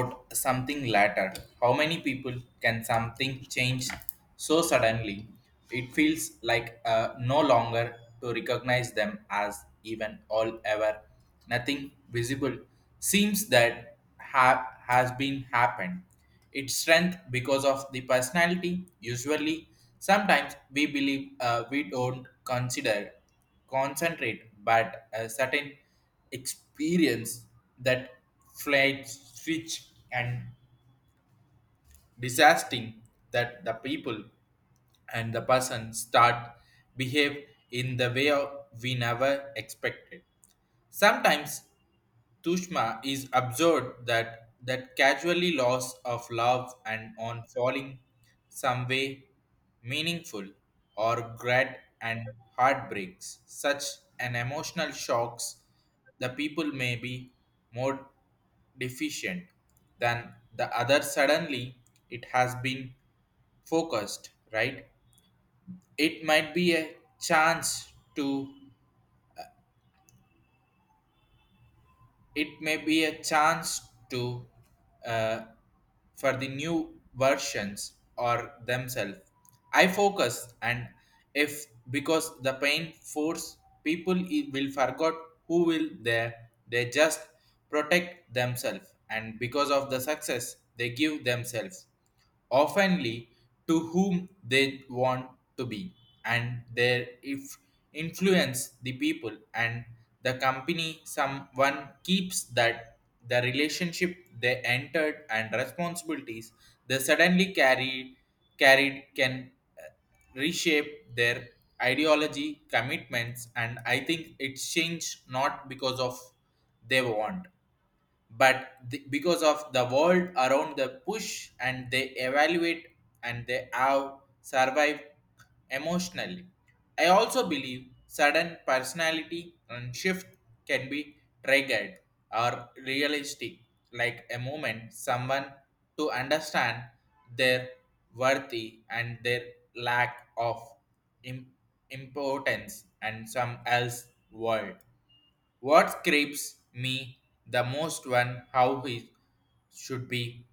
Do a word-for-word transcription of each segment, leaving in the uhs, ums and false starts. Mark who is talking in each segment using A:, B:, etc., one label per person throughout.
A: About something later. How many people can something change so suddenly? It feels like uh, no longer to recognize them as even all ever. Nothing visible seems that ha- has been happened. Its strength because of the personality. Usually, sometimes we believe uh, we don't consider concentrate, but a certain experience that flight switch and disasting that the people and the person start behave in the way of we never expected. Sometimes Tushma is absurd that that casually loss of love and on falling some way meaningful or grad and heartbreaks. Such an emotional shocks the people may be more deficient than the other suddenly it has been focused, right? It might be a chance to it may be a chance to uh, for the new versions or themselves I focused and if because the pain force people i- will forget who will there they just protect themselves and because of the success they give themselves oftenly to whom they want to be, and their if influence the people and the company. Someone keeps that the relationship they entered and responsibilities they suddenly carried carried can uh, reshape their ideology commitments. And I think it's changed not because of they want but the, because of the world around the push and they evaluate and they have survived emotionally. I also believe sudden personality and shift can be triggered or realistic like a moment someone to understand their worthy and their lack of im- importance and some else world. What creeps me the most one how he should be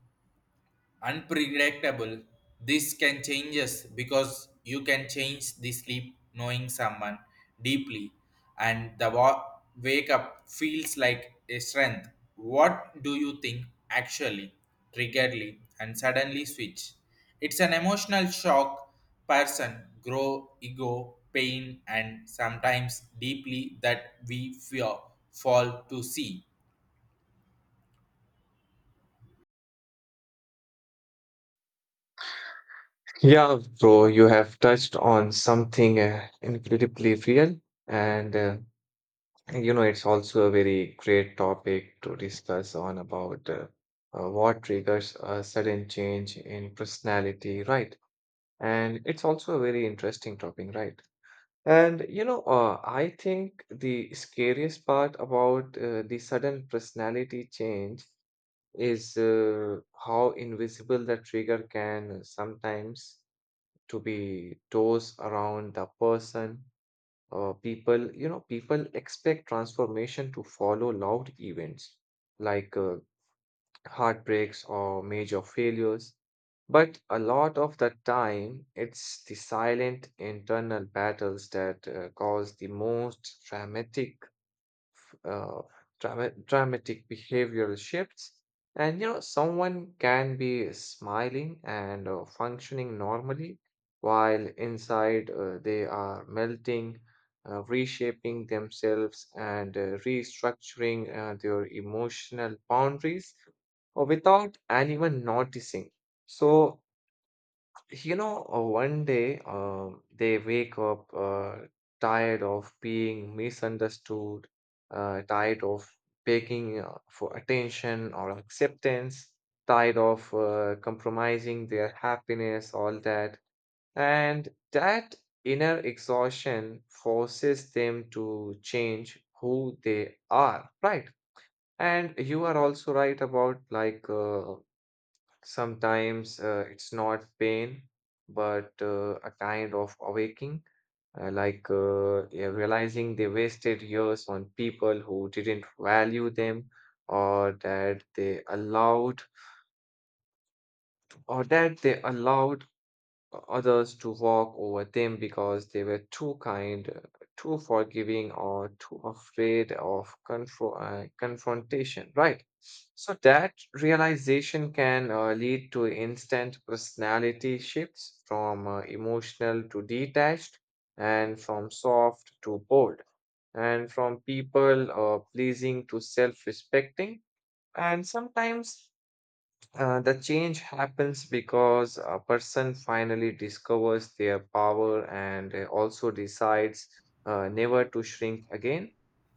A: unpredictable. This can change us because you can change the sleep knowing someone deeply, and the wa- wake up feels like a strength. What do you think actually, triggerly, and suddenly switch? It's an emotional shock. Person grow ego, pain, and sometimes deeply that we fear fall to see.
B: Yeah, bro, you have touched on something uh, incredibly real, and uh, you know it's also a very great topic to discuss on about uh, uh, what triggers a sudden change in personality, right? And it's also a very interesting topic, right? And you know, uh, I think the scariest part about uh, the sudden personality change is uh, how invisible the trigger can sometimes to be toes around the person, uh, people, you know, people expect transformation to follow loud events like uh, heartbreaks or major failures, but a lot of the time it's the silent internal battles that uh, cause the most dramatic uh, drama dramatic behavioral shifts. And you know, someone can be smiling and uh, functioning normally, while inside uh, they are melting, uh, reshaping themselves, and uh, restructuring uh, their emotional boundaries or without anyone noticing. So, you know, uh, one day um, they wake up uh, tired of being misunderstood, uh, tired of begging uh, for attention or acceptance, tired of uh, compromising their happiness, all that. And that inner exhaustion forces them to change who they are, right? And you are also right about like uh, sometimes uh, it's not pain, but uh, a kind of awakening, uh, like uh, yeah, realizing they wasted years on people who didn't value them, or that they allowed, or that they allowed uh, others to walk over them because they were too kind, uh, too forgiving, or too afraid of confro- uh, confrontation, right? So that realization can uh, lead to instant personality shifts from uh, emotional to detached, and from soft to bold, and from people uh, pleasing to self respecting. And sometimes uh, the change happens because a person finally discovers their power and uh, also decides uh, never to shrink again.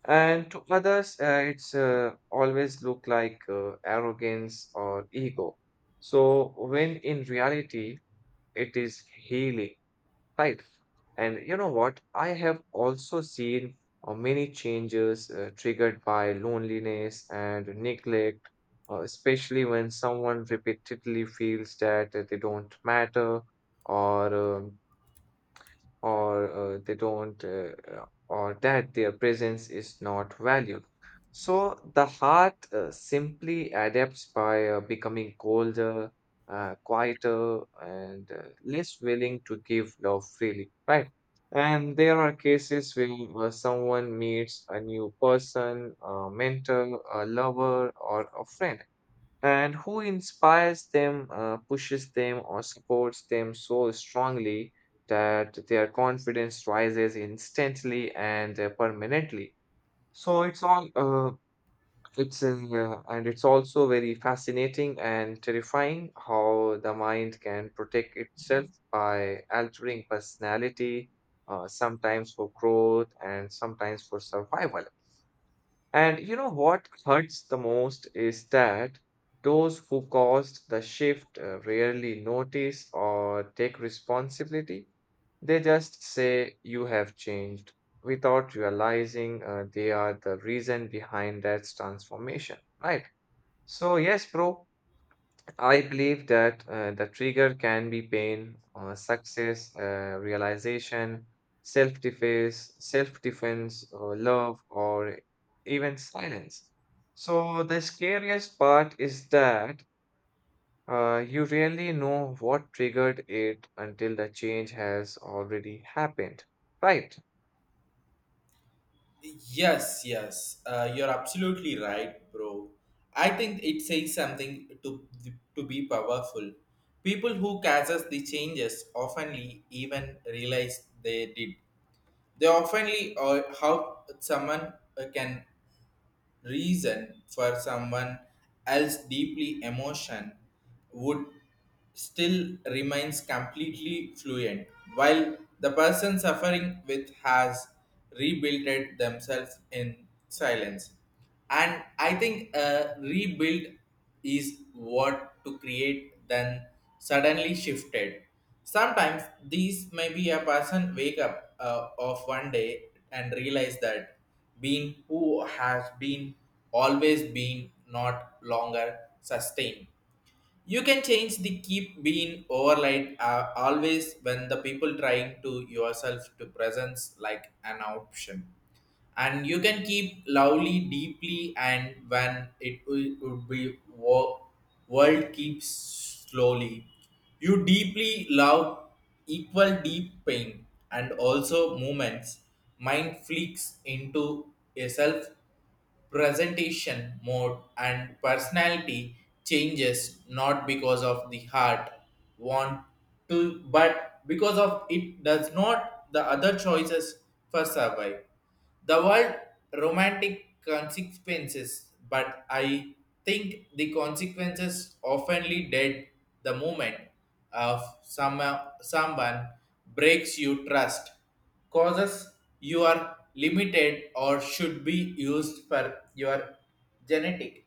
B: And to others, uh, it's uh, always look like uh, arrogance or ego. So when in reality, it is healing. Right. And you know what? I have also seen uh, many changes uh, triggered by loneliness and neglect, uh, especially when someone repeatedly feels that uh, they don't matter or um, or uh, they don't uh, uh, or that their presence is not valued, so the heart uh, simply adapts by uh, becoming colder, uh, quieter, and uh, less willing to give love freely, right? And there are cases where uh, someone meets a new person, a mentor, a lover, or a friend, and who inspires them, uh, pushes them, or supports them so strongly that their confidence rises instantly and uh, permanently. So it's all, uh, it's in, uh, and it's also very fascinating and terrifying how the mind can protect itself by altering personality, uh, sometimes for growth and sometimes for survival. And you know what hurts the most is that those who caused the shift uh, rarely notice or take responsibility. They just say, "You have changed," without realizing uh, they are the reason behind that transformation, right? So, yes, bro, I believe that uh, the trigger can be pain, uh, success, uh, realization, self defense, self defense, or love, or even silence. So, the scariest part is that uh, you really know what triggered it until the change has already happened, right?
A: Yes, yes, uh, you're absolutely right, bro. I think it says something to to be powerful. People who causes the changes oftenly even realize they did. They oftenly or how someone uh, can reason for someone else deeply emotion would still remains completely fluent while the person suffering with has rebuilt it themselves in silence. And I think uh, rebuild is what to create then suddenly shifted. Sometimes these may be a person wake up uh, of one day and realize that being who has been always been not longer sustained. You can change the keep being overlight uh, always when the people trying to yourself to presence like an option. And you can keep lovely deeply and when it will, would be wo- world keeps slowly. You deeply love equal deep pain and also movements. Mind flicks into yourself presentation mode and personality changes not because of the heart want to but because of it does not the other choices for survive the word romantic consequences. But I think the consequences oftenly dead the moment of some someone breaks you trust causes you are limited or should be used for your genetic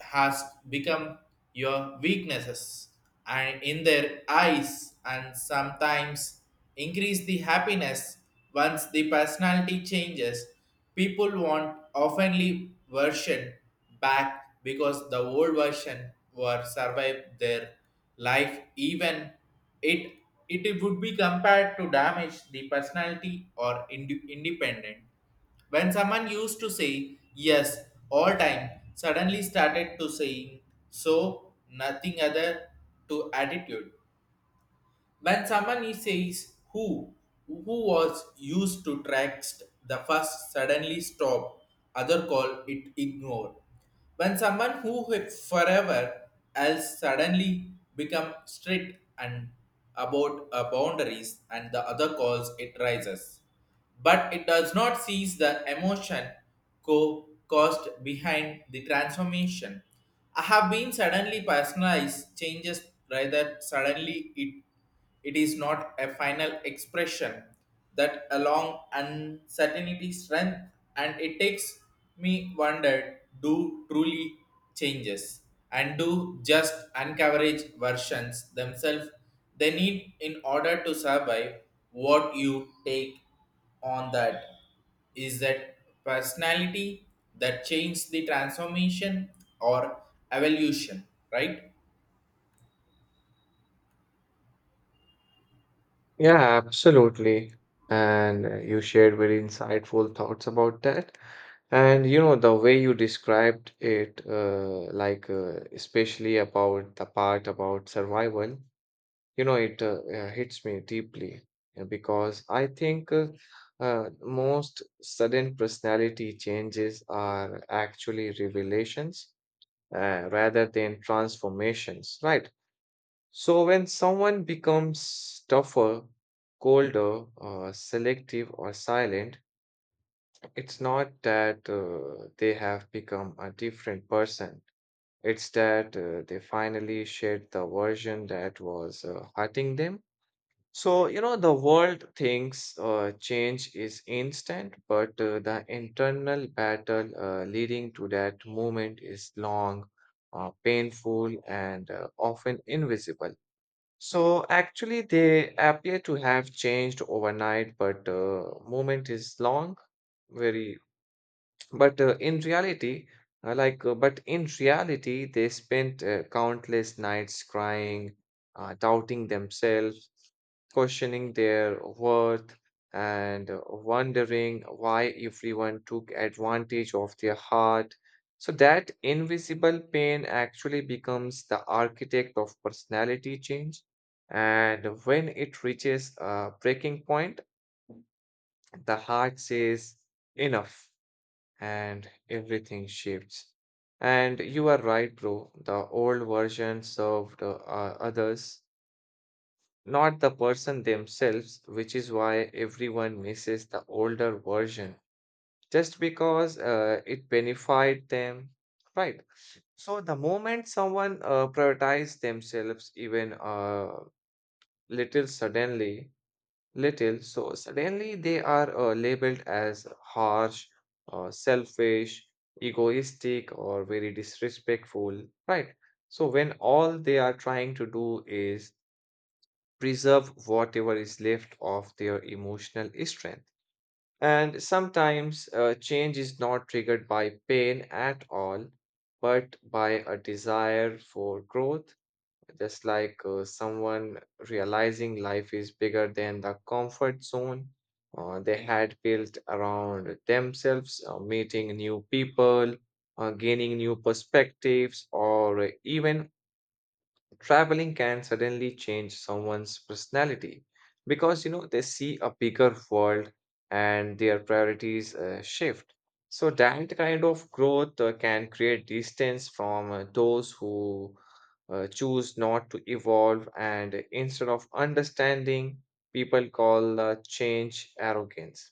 A: has become your weaknesses and in their eyes and sometimes increase the happiness. Once the personality changes people want oftenly version back because the old version were survived their life even it it would be compared to damage the personality or ind- independent. When someone used to say yes all time, suddenly started to saying so nothing other to attitude. When someone he says who, who was used to text the first suddenly stop, other call it ignore. When someone who had forever else suddenly become strict and about uh, boundaries and the other calls it rises but it does not seize the emotion co- caused behind the transformation. I have been suddenly personalized changes rather suddenly it it is not a final expression that along uncertainty strength. And it takes me wondered do truly changes and do just uncoverage versions themselves they need in order to survive. What you take on that is that personality that changes the transformation or evolution, right?
B: Yeah, absolutely. And uh, you shared very insightful thoughts about that. And you know, the way you described it, uh, like uh, especially about the part about survival, you know, it uh, uh, hits me deeply uh, because I think uh, uh, most sudden personality changes are actually revelations uh, rather than transformations, right? So, when someone becomes tougher, colder, uh, selective, or silent, it's not that uh, they have become a different person. It's that uh, they finally shed the version that was uh, hurting them. So, you know, the world thinks uh, change is instant, but uh, the internal battle uh, leading to that moment is long, uh, painful, and uh, often invisible. So actually, they appear to have changed overnight, but uh, movement is long, very, but uh, in reality, uh, like, uh, but in reality, they spent uh, countless nights crying, uh, doubting themselves, questioning their worth, and uh, wondering why everyone took advantage of their heart. So that invisible pain actually becomes the architect of personality change. And when it reaches a breaking point, the heart says, enough, and everything shifts. And you are right, bro. The old version served uh, others, not the person themselves, which is why everyone misses the older version just because uh, it benefited them, right? So the moment someone uh, prioritizes themselves even uh, little suddenly, little, so suddenly, they are uh, labeled as harsh, uh, selfish, egoistic, or very disrespectful, right? So, when all they are trying to do is preserve whatever is left of their emotional strength. And sometimes uh, change is not triggered by pain at all, but by a desire for growth, just like uh, someone realizing life is bigger than the comfort zone uh, they had built around themselves, uh, meeting new people, uh, gaining new perspectives, or even traveling can suddenly change someone's personality because you know they see a bigger world and their priorities uh, shift. So that kind of growth uh, can create distance from uh, those who uh, choose not to evolve, and instead of understanding, people call uh, change arrogance.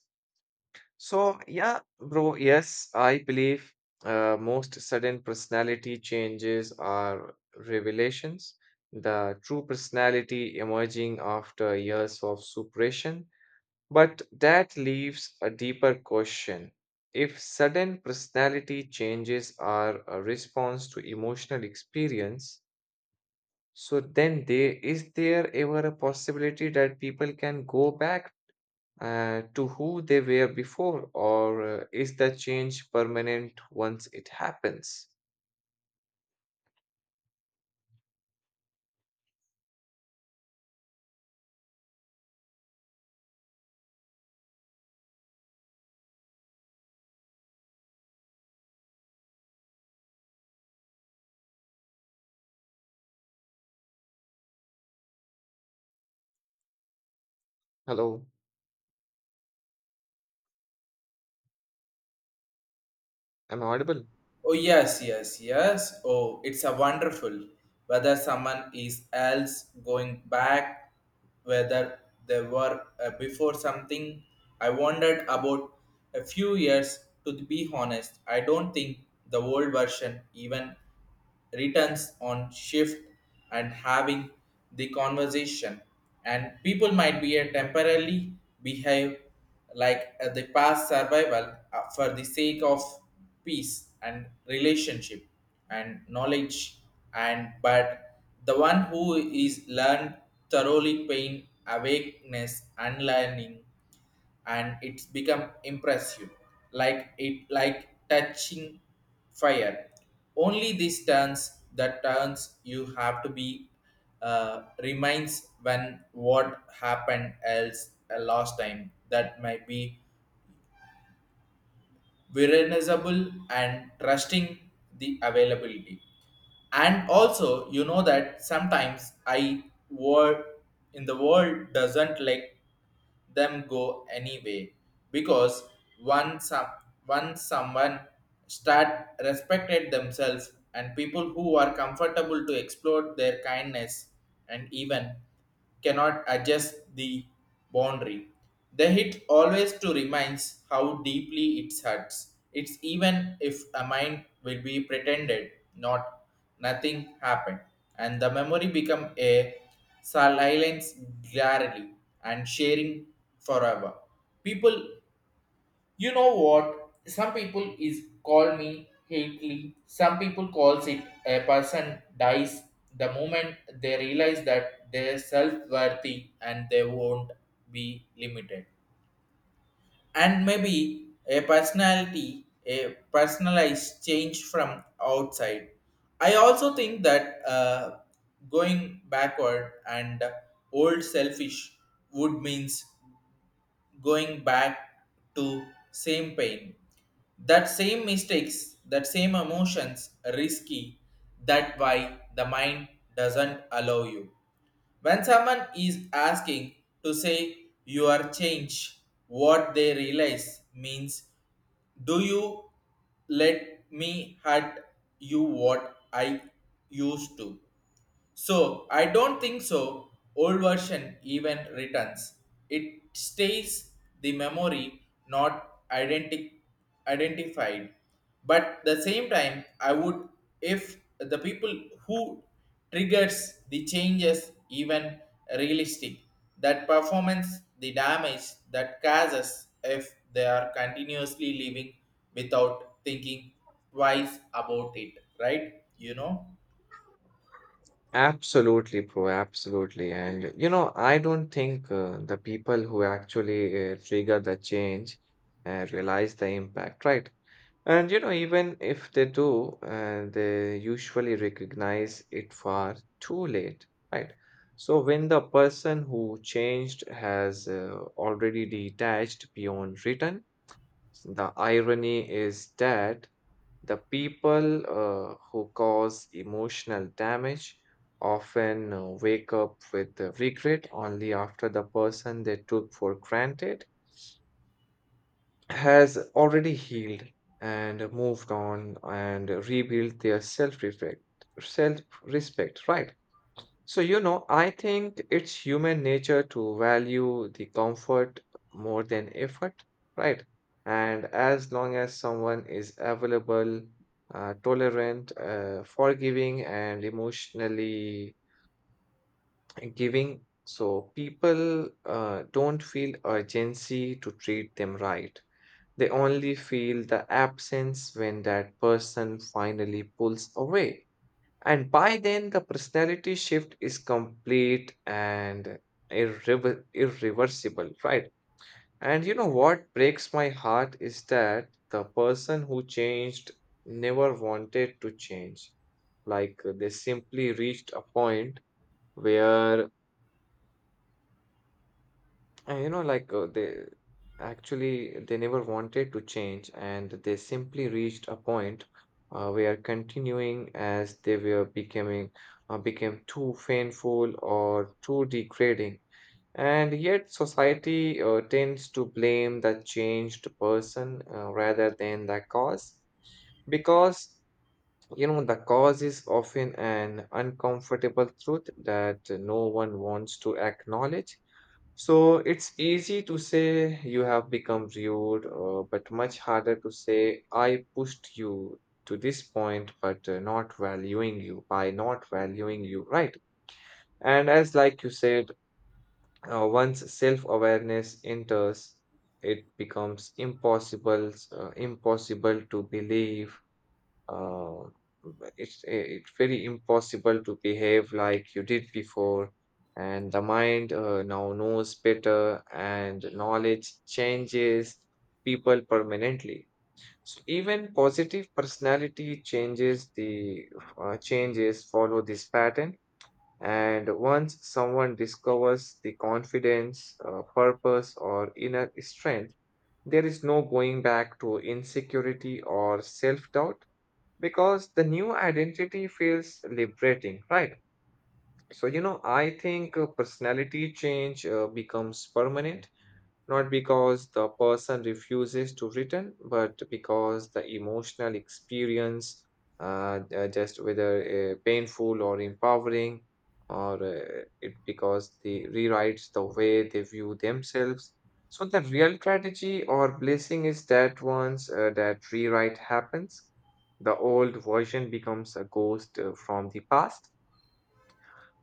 B: So, yeah, bro, yes, I believe uh, most sudden personality changes are revelations, the true personality emerging after years of suppression. But that leaves a deeper question. If sudden personality changes are a response to emotional experience, so then there is there ever a possibility that people can go back uh, to who they were before, or uh, is the change permanent once it happens? Hello, am I audible?
A: Oh yes, yes, yes. Oh, it's a wonderful whether someone is else going back, whether they were uh, before something. I wondered about a few years. To be honest, I don't think the old version even returns on shift and having the conversation and people might be a temporarily behave like uh, the past survival uh, for the sake of peace and relationship and knowledge and but the one who is learned thoroughly pain awakeness unlearning and it's become impressive like it like touching fire. Only these turns the turns you have to be uh, reminds when what happened else uh, last time that might be recognizable and trusting the availability. And also you know that sometimes I world in the world doesn't let them go anyway because once some once someone start respected themselves and people who are comfortable to explore their kindness and even cannot adjust the boundary the hit always to reminds how deeply it hurts. It's even if a mind will be pretended, not nothing happened, and the memory become a silence glarily and sharing forever. People, you know what? Some people is call me hately. Some people calls it a person dies the moment they realize that their self worthy and they won't be limited and maybe a personality a personalized change from outside. I also think that uh, going backward and old selfish would means going back to same pain that same mistakes that same emotions risky that why the mind doesn't allow you when someone is asking to say you are changed, what they realize means do you let me hurt you what I used to? So I don't think so. Old version even returns. It stays the memory not identi- identified. But the same time, I would if the people who triggers the changes even realistic that performance the damage that causes if they are continuously living without thinking twice about it, right, you know.
B: Absolutely, bro. Absolutely. And you know, I don't think uh, the people who actually uh, trigger the change uh, realize the impact, right? And you know, even if they do, uh, they usually recognize it far too late, right? So when the person who changed has uh, already detached beyond return, the irony is that the people uh, who cause emotional damage often uh, wake up with the regret only after the person they took for granted has already healed and moved on and rebuilt their self-respect self-respect, right? So you know I think it's human nature to value the comfort more than effort, right? And as long as someone is available, uh, tolerant, uh, forgiving, and emotionally giving, so people uh, don't feel urgency to treat them right, they only feel the absence when that person finally pulls away. And by then, the personality shift is complete and irrever- irreversible, right? And you know what breaks my heart is that the person who changed never wanted to change. Like uh, they simply reached a point where. And you know, like uh, they Actually, they never wanted to change, and they simply reached a point uh, where continuing as they were becoming uh, became too painful or too degrading. And yet, society uh, tends to blame the changed person uh, rather than the cause, because you know the cause is often an uncomfortable truth that no one wants to acknowledge. So it's easy to say you have become rude, uh, but much harder to say I pushed you to this point, but uh, not valuing you by not valuing you, right? And as like you said, uh, once self-awareness enters, it becomes impossible, uh, impossible to believe uh, but it's eh, it's very impossible to behave like you did before, and the mind uh, now knows better, and knowledge changes people permanently. So even positive personality changes the uh, changes follow this pattern. And once someone discovers the confidence, uh, purpose, or inner strength, there is no going back to insecurity or self doubt because the new identity feels liberating, right? So, you know, I think uh, personality change uh, becomes permanent not because the person refuses to return, but because the emotional experience, uh, uh, just whether uh, painful or empowering, or uh, it because they rewrites the way they view themselves. So the real tragedy or blessing is that once uh, that rewrite happens, the old version becomes a ghost uh, from the past.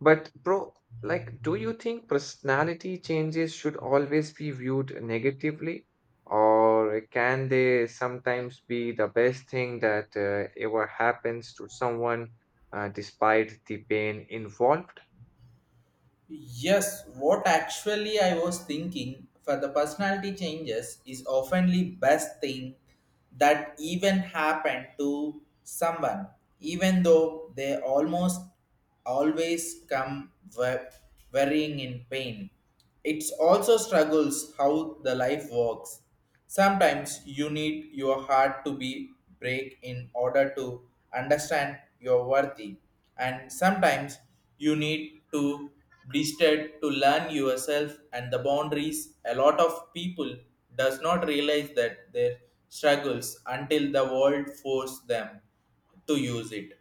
B: But, bro, like, do you think personality changes should always be viewed negatively? Or can they sometimes be the best thing that uh, ever happens to someone uh, despite the pain involved?
A: Yes, what actually I was thinking for the personality changes is oftenly best thing that even happened to someone, even though they almost always come wa- varying in pain. It's also struggles how the life works. Sometimes you need your heart to be break in order to understand your worthy, and sometimes you need to blistered to learn yourself and the boundaries. A lot of people does not realize that their struggles until the world force them to use it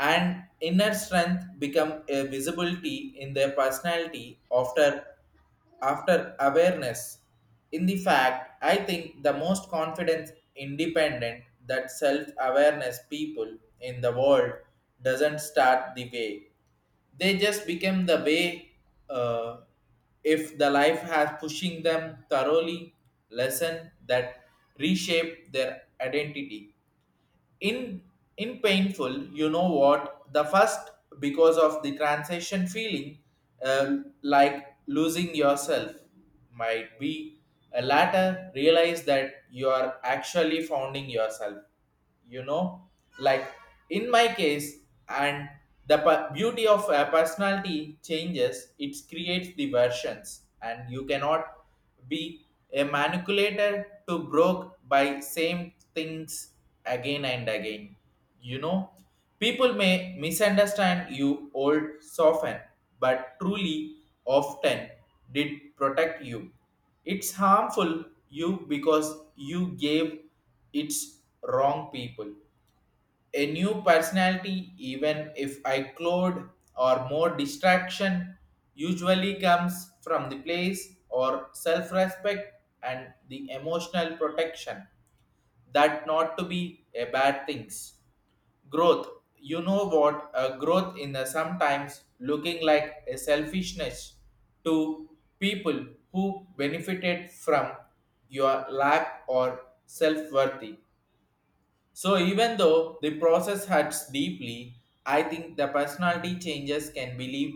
A: and inner strength become a visibility in their personality after after awareness. In the fact I think the most confident independent that self awareness people in the world doesn't start the way they just become the way uh, if the life has pushing them thoroughly lesson that reshape their identity in in painful. You know what the first because of the transition feeling uh, like losing yourself might be a latter realize that you are actually founding yourself, you know, like in my case. And the pe- beauty of a personality changes it creates the versions and you cannot be a manipulator to broke by same things again and again. You know, people may misunderstand you old soften, but truly often did protect you. It's harmful you because you gave its wrong people a new personality, even if I cloud or more distraction, usually comes from the place or self respect and the emotional protection. That not to be a bad things. Growth. You know what? A growth in the sometimes looking like a selfishness to people who benefited from your lack or self worthy. So even though the process hurts deeply, I think the personality changes can believe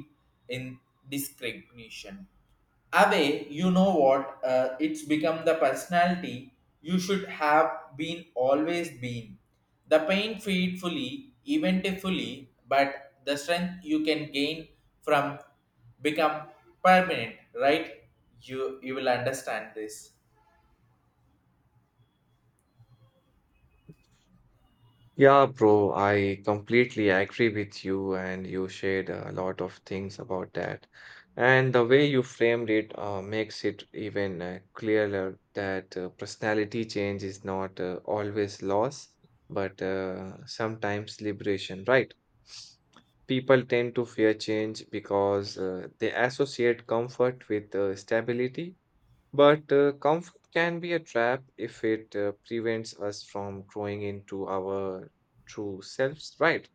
A: in discrimination. Away, you know what? Uh, it's become the personality you should have been always been. The pain feed fully, eventifully, but the strength you can gain from become permanent, right? You you will understand this.
B: Yeah, bro, I completely agree with you, and you shared a lot of things about that. And the way you framed it uh, makes it even uh, clearer that uh, personality change is not uh, always loss, but uh, sometimes liberation, right? People tend to fear change because uh, they associate comfort with uh, stability. But uh, comfort can be a trap if it uh, prevents us from growing into our true selves, right?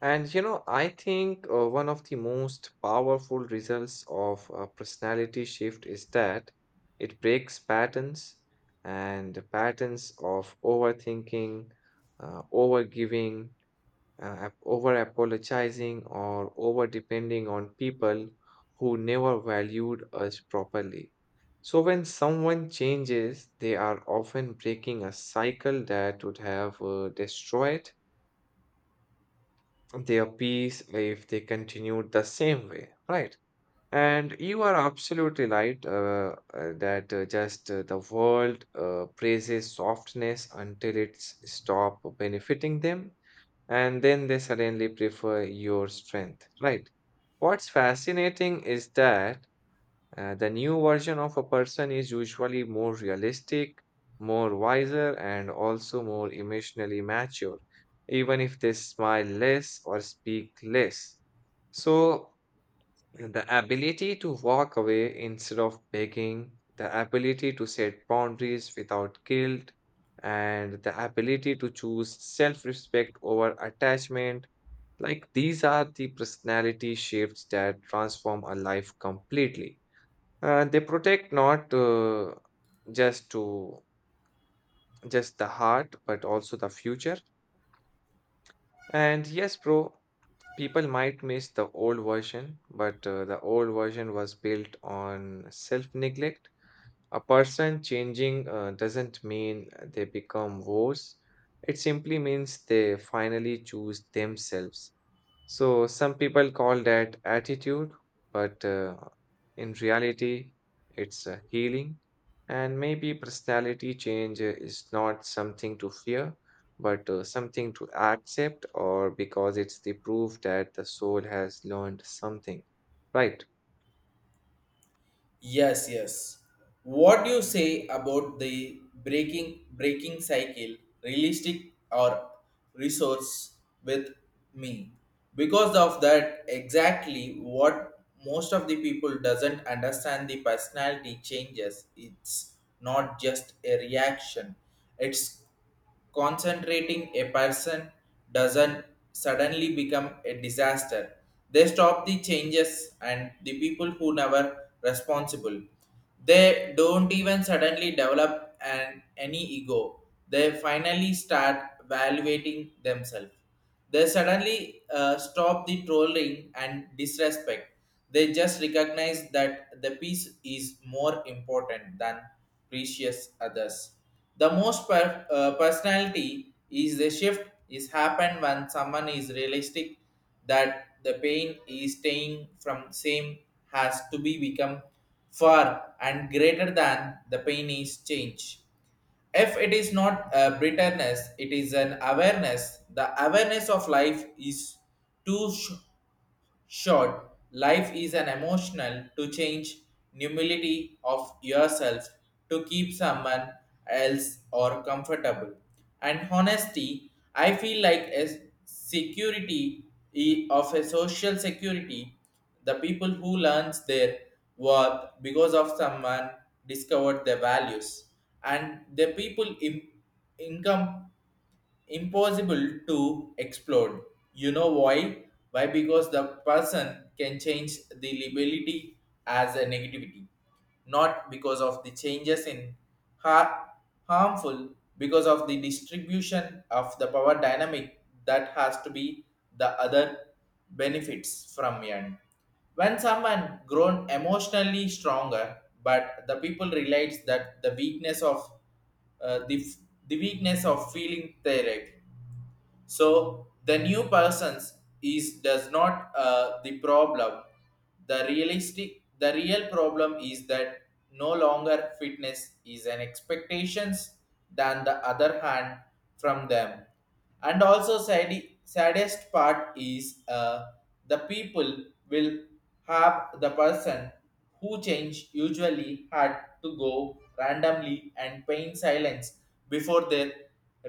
B: And you know, I think uh, one of the most powerful results of a personality shift is that it breaks patterns and the patterns of overthinking, uh, overgiving, uh, over apologizing or over depending on people who never valued us properly. So, when someone changes, they are often breaking a cycle that would have uh, destroyed their peace if they continued the same way, right? And you are absolutely right uh, uh, that uh, just uh, the world uh, praises softness until it's stop benefiting them and then they suddenly prefer your strength, right? What's fascinating is that uh, the new version of a person is usually more realistic, more wiser, and also more emotionally mature, even if they smile less or speak less. So, the ability to walk away instead of begging, the ability to set boundaries without guilt, and the ability to choose self respect over attachment like these are the personality shifts that transform a life completely. Uh, they protect not uh, just to just the heart, but also the future. And yes, bro, people might miss the old version, but uh, the old version was built on self-neglect. A person changing uh, doesn't mean they become worse. It simply means they finally choose themselves. So some people call that attitude, but uh, in reality, it's uh, healing. And maybe personality change uh, is not something to fear, but uh, something to accept, or because it's the proof that the soul has learned something, right?
A: Yes, yes. What do you say about the breaking breaking cycle, realistic or resource with me? Because of that, exactly what most of the people doesn't understand the personality changes. It's not just a reaction. It's concentrating a person doesn't suddenly become a disaster. They stop the changes and the people who never responsible. They don't even suddenly develop an any ego. They finally start evaluating themselves. They suddenly uh, stop the trolling and disrespect. They just recognize that the peace is more important than precious others. The most per- uh, personality is the shift is happened when someone is realistic that the pain is staying from same has to be become far and greater than the pain is change. If it is not a bitterness, it is an awareness. The awareness of life is too sh- Short, life is an emotional to change humility of yourself to keep someone else or comfortable. And honesty, I feel like as security i- of a social security, the people who learns their worth because of someone discovered their values and the people in, income impossible to explode. You know why? Why? Because the person can change the liability as a negativity, not because of the changes in har- harmful, because of the distribution of the power dynamic that has to be the other benefits from end. When someone grown emotionally stronger, but the people realize that the weakness of uh, the, f- the weakness of feeling tired. So the new persons is does not uh, the problem. The realistic the real problem is that no longer fitness is an expectations than the other hand from them. And also sad, saddest part is uh, the people will have the person who change usually had to go randomly and pain silence before they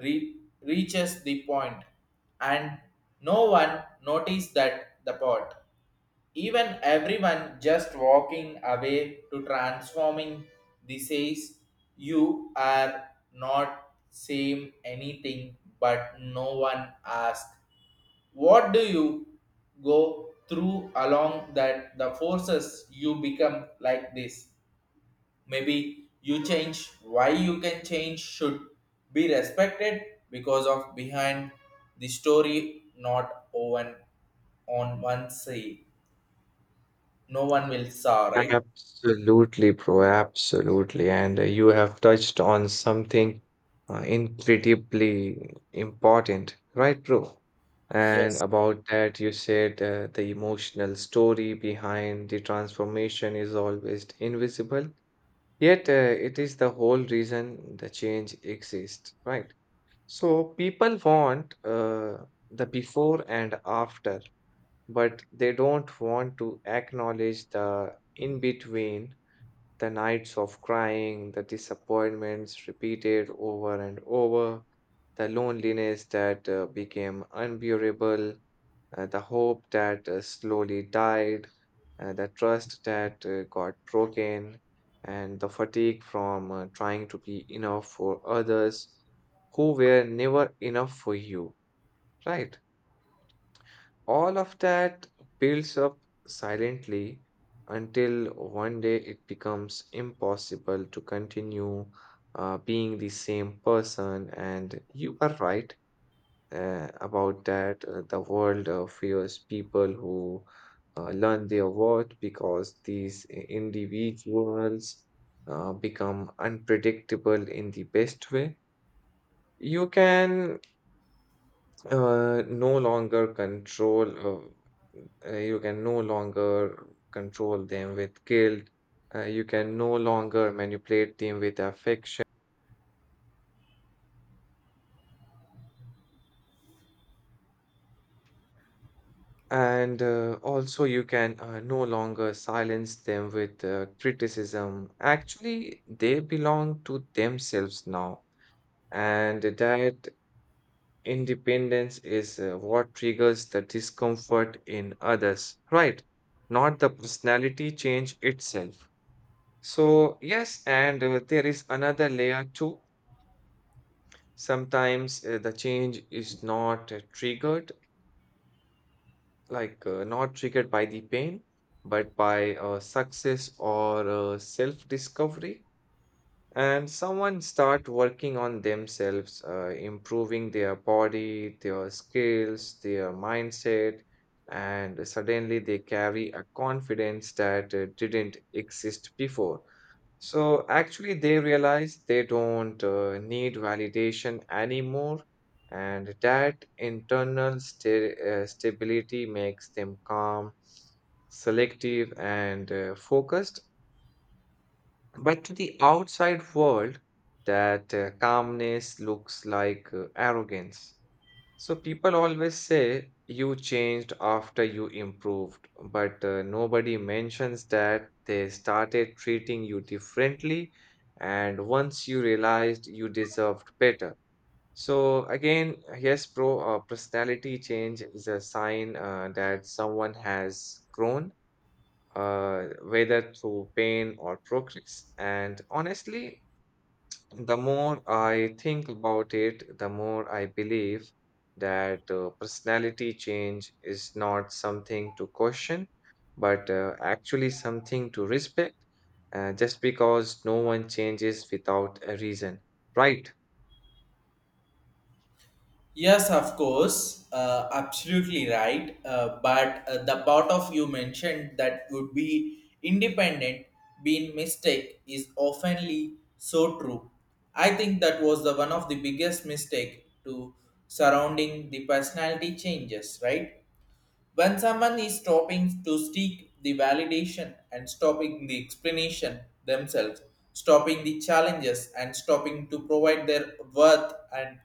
A: re- reaches the point. And no one noticed that the pot even everyone just walking away to transforming this says you are not same anything but no one asked what do you go through along that the forces you become like this? Maybe you change why you can change should be respected because of behind the story not on on one say no one will saw, right?
B: Absolutely, bro. Absolutely. And uh, you have touched on something uh, incredibly important, right, bro? And
A: Yes.
B: about that, you said uh, the emotional story behind the transformation is always invisible, yet uh, it is the whole reason the change exists, right? So people want uh, the before and after, but they don't want to acknowledge the in between the nights of crying, the disappointments repeated over and over, the loneliness that uh, became unbearable, uh, the hope that uh, slowly died, uh, the trust that uh, got broken, and the fatigue from uh, trying to be enough for others who were never enough for you, right? All of that builds up silently until one day it becomes impossible to continue uh, being the same person. And you are right uh, about that. Uh, the world uh, fears people who uh, learn their worth because these i- individuals uh, become unpredictable in the best way. You can uh, no longer control, uh, uh, you can no longer control them with guilt. Uh, you can no longer manipulate them with affection. And uh, also, you can uh, no longer silence them with uh, criticism. Actually, they belong to themselves now. And that independence is uh, what triggers the discomfort in others, right? Not the personality change itself. So, yes, and uh, there is another layer too. Sometimes uh, the change is not uh, triggered, like uh, not triggered by the pain, but by uh, success or uh, self-discovery. And someone start working on themselves uh, improving their body their skills their mindset and suddenly they carry a confidence that uh, didn't exist before so actually they realize they don't uh, need validation anymore and that internal sta- uh, stability makes them calm selective and uh, focused but to the outside world, that uh, calmness looks like uh, arrogance. So people always say you changed after you improved, but uh, nobody mentions that they started treating you differently, and once you realized you deserved better. So again, yes, bro, uh, personality change is a sign uh, that someone has grown uh, whether through pain or progress. And honestly, the more I think about it, the more I believe that uh, personality change is not something to question, but uh, actually something to respect, uh, just because no one changes without a reason, right?
A: Yes, of course, uh, absolutely right. Uh, but uh, the part of you mentioned that would be independent, being mistake is oftenly so true. I think that was the one of the biggest mistake to surrounding the personality changes, right? When someone is stopping to seek the validation and stopping the explanation themselves, stopping the challenges and stopping to provide their worth and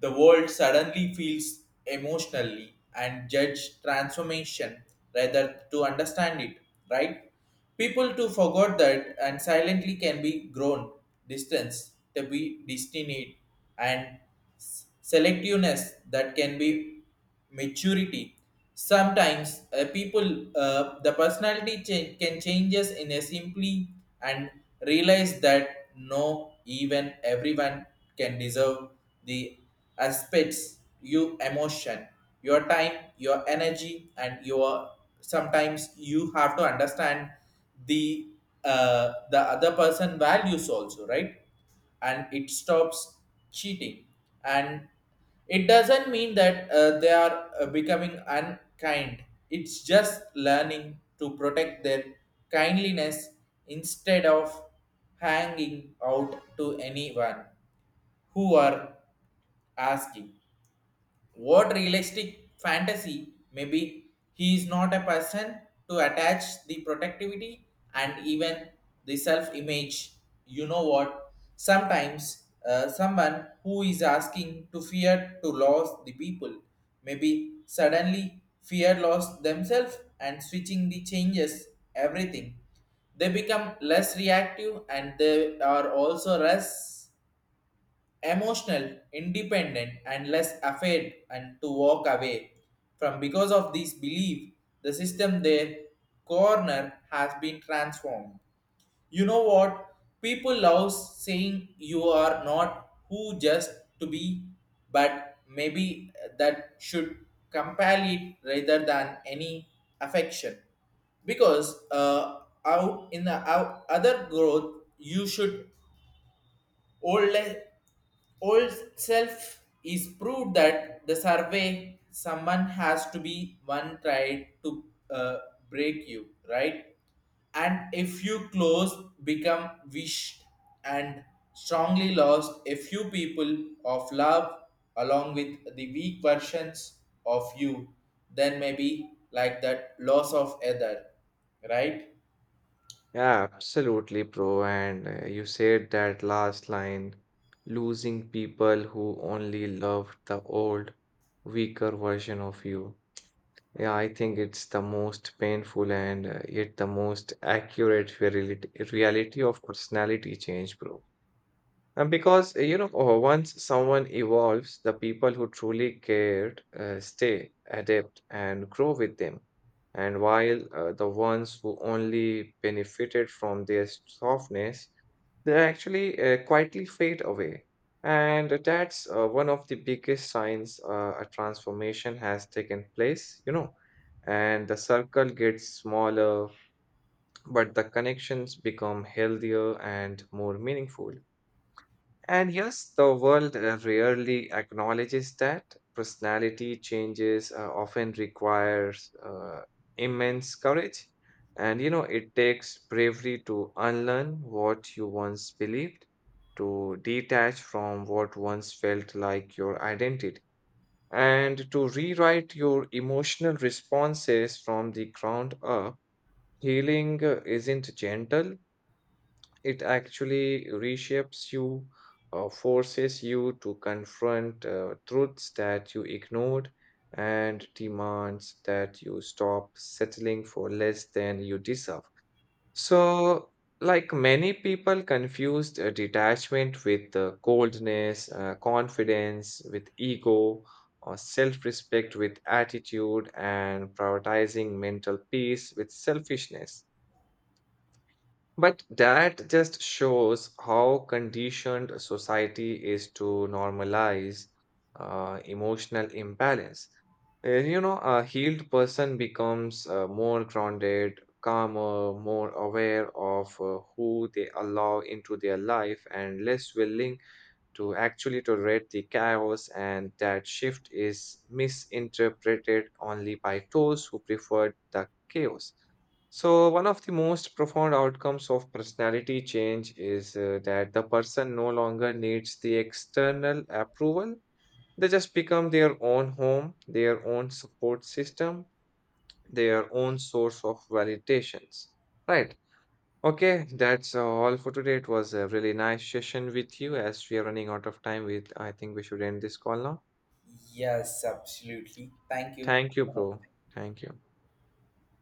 A: the world suddenly feels emotionally and judge transformation rather to understand it, right? People to forgot that and silently can be grown distance to be destined and s- selectiveness that can be maturity. Sometimes uh, people, uh, the personality change can changes in a simply and realize that no, even everyone can deserve the aspects you emotion, your time, your energy, and your sometimes you have to understand the uh, the other person values also, right? And it stops cheating and it doesn't mean that uh, they are uh, becoming unkind. It's just learning to protect their kindliness instead of hanging out to anyone who are asking what realistic fantasy? Maybe he is not a person to attach the protectivity and even the self image. You know what? Sometimes uh, someone who is asking to fear to lose the people, maybe suddenly fear lost themselves and switching the changes everything they become less reactive and they are also less emotional, independent, and less afraid and to walk away from because of this belief, the system their corner has been transformed. You know what? People love saying you are not who just to be, but maybe that should compel it rather than any affection because uh, out in the out, other growth you should Old, old self is proved that the survey someone has to be one tried to uh, break you, right? And if you close, become wished and strongly lost a few people of love along with the weak versions of you, then maybe like that loss of other, right?
B: Yeah, absolutely, bro. And uh, you said that last line, losing people who only loved the old, weaker version of you. Yeah, I think it's the most painful and uh, yet the most accurate reality, reality of personality change, bro. Uh, because, uh, you know, uh, once someone evolves, the people who truly cared uh, stay, adapt, and grow with them. And while uh, the ones who only benefited from their softness, they actually uh, quietly fade away. And that's uh, one of the biggest signs uh, a transformation has taken place, you know. And the circle gets smaller, but the connections become healthier and more meaningful. And yes, the world uh, rarely acknowledges that personality changes uh, often requires uh, immense courage. And you know, it takes bravery to unlearn what you once believed, to detach from what once felt like your identity, and to rewrite your emotional responses from the ground up. Healing uh, isn't gentle, it actually reshapes you uh, forces you to confront uh, truths that you ignored and demands that you stop settling for less than you deserve. So like many people confused uh, detachment with uh, coldness uh, confidence with ego or self-respect with attitude and prioritizing mental peace with selfishness but that just shows how conditioned a society is to normalize uh, emotional imbalance. Uh, You know, a healed person becomes uh, more grounded, calmer, more aware of uh, who they allow into their life, and less willing to actually tolerate the chaos. And that shift is misinterpreted only by those who preferred the chaos. So, one of the most profound outcomes of personality change is uh, that the person no longer needs the external approval. They just become their own home, their own support system, their own source of validations. Right. Okay, that's all for today. It was a really nice session with you as we are running out of time with I think we should end this call now.
A: Yes, absolutely. Thank you.
B: Thank you, bro. Thank you.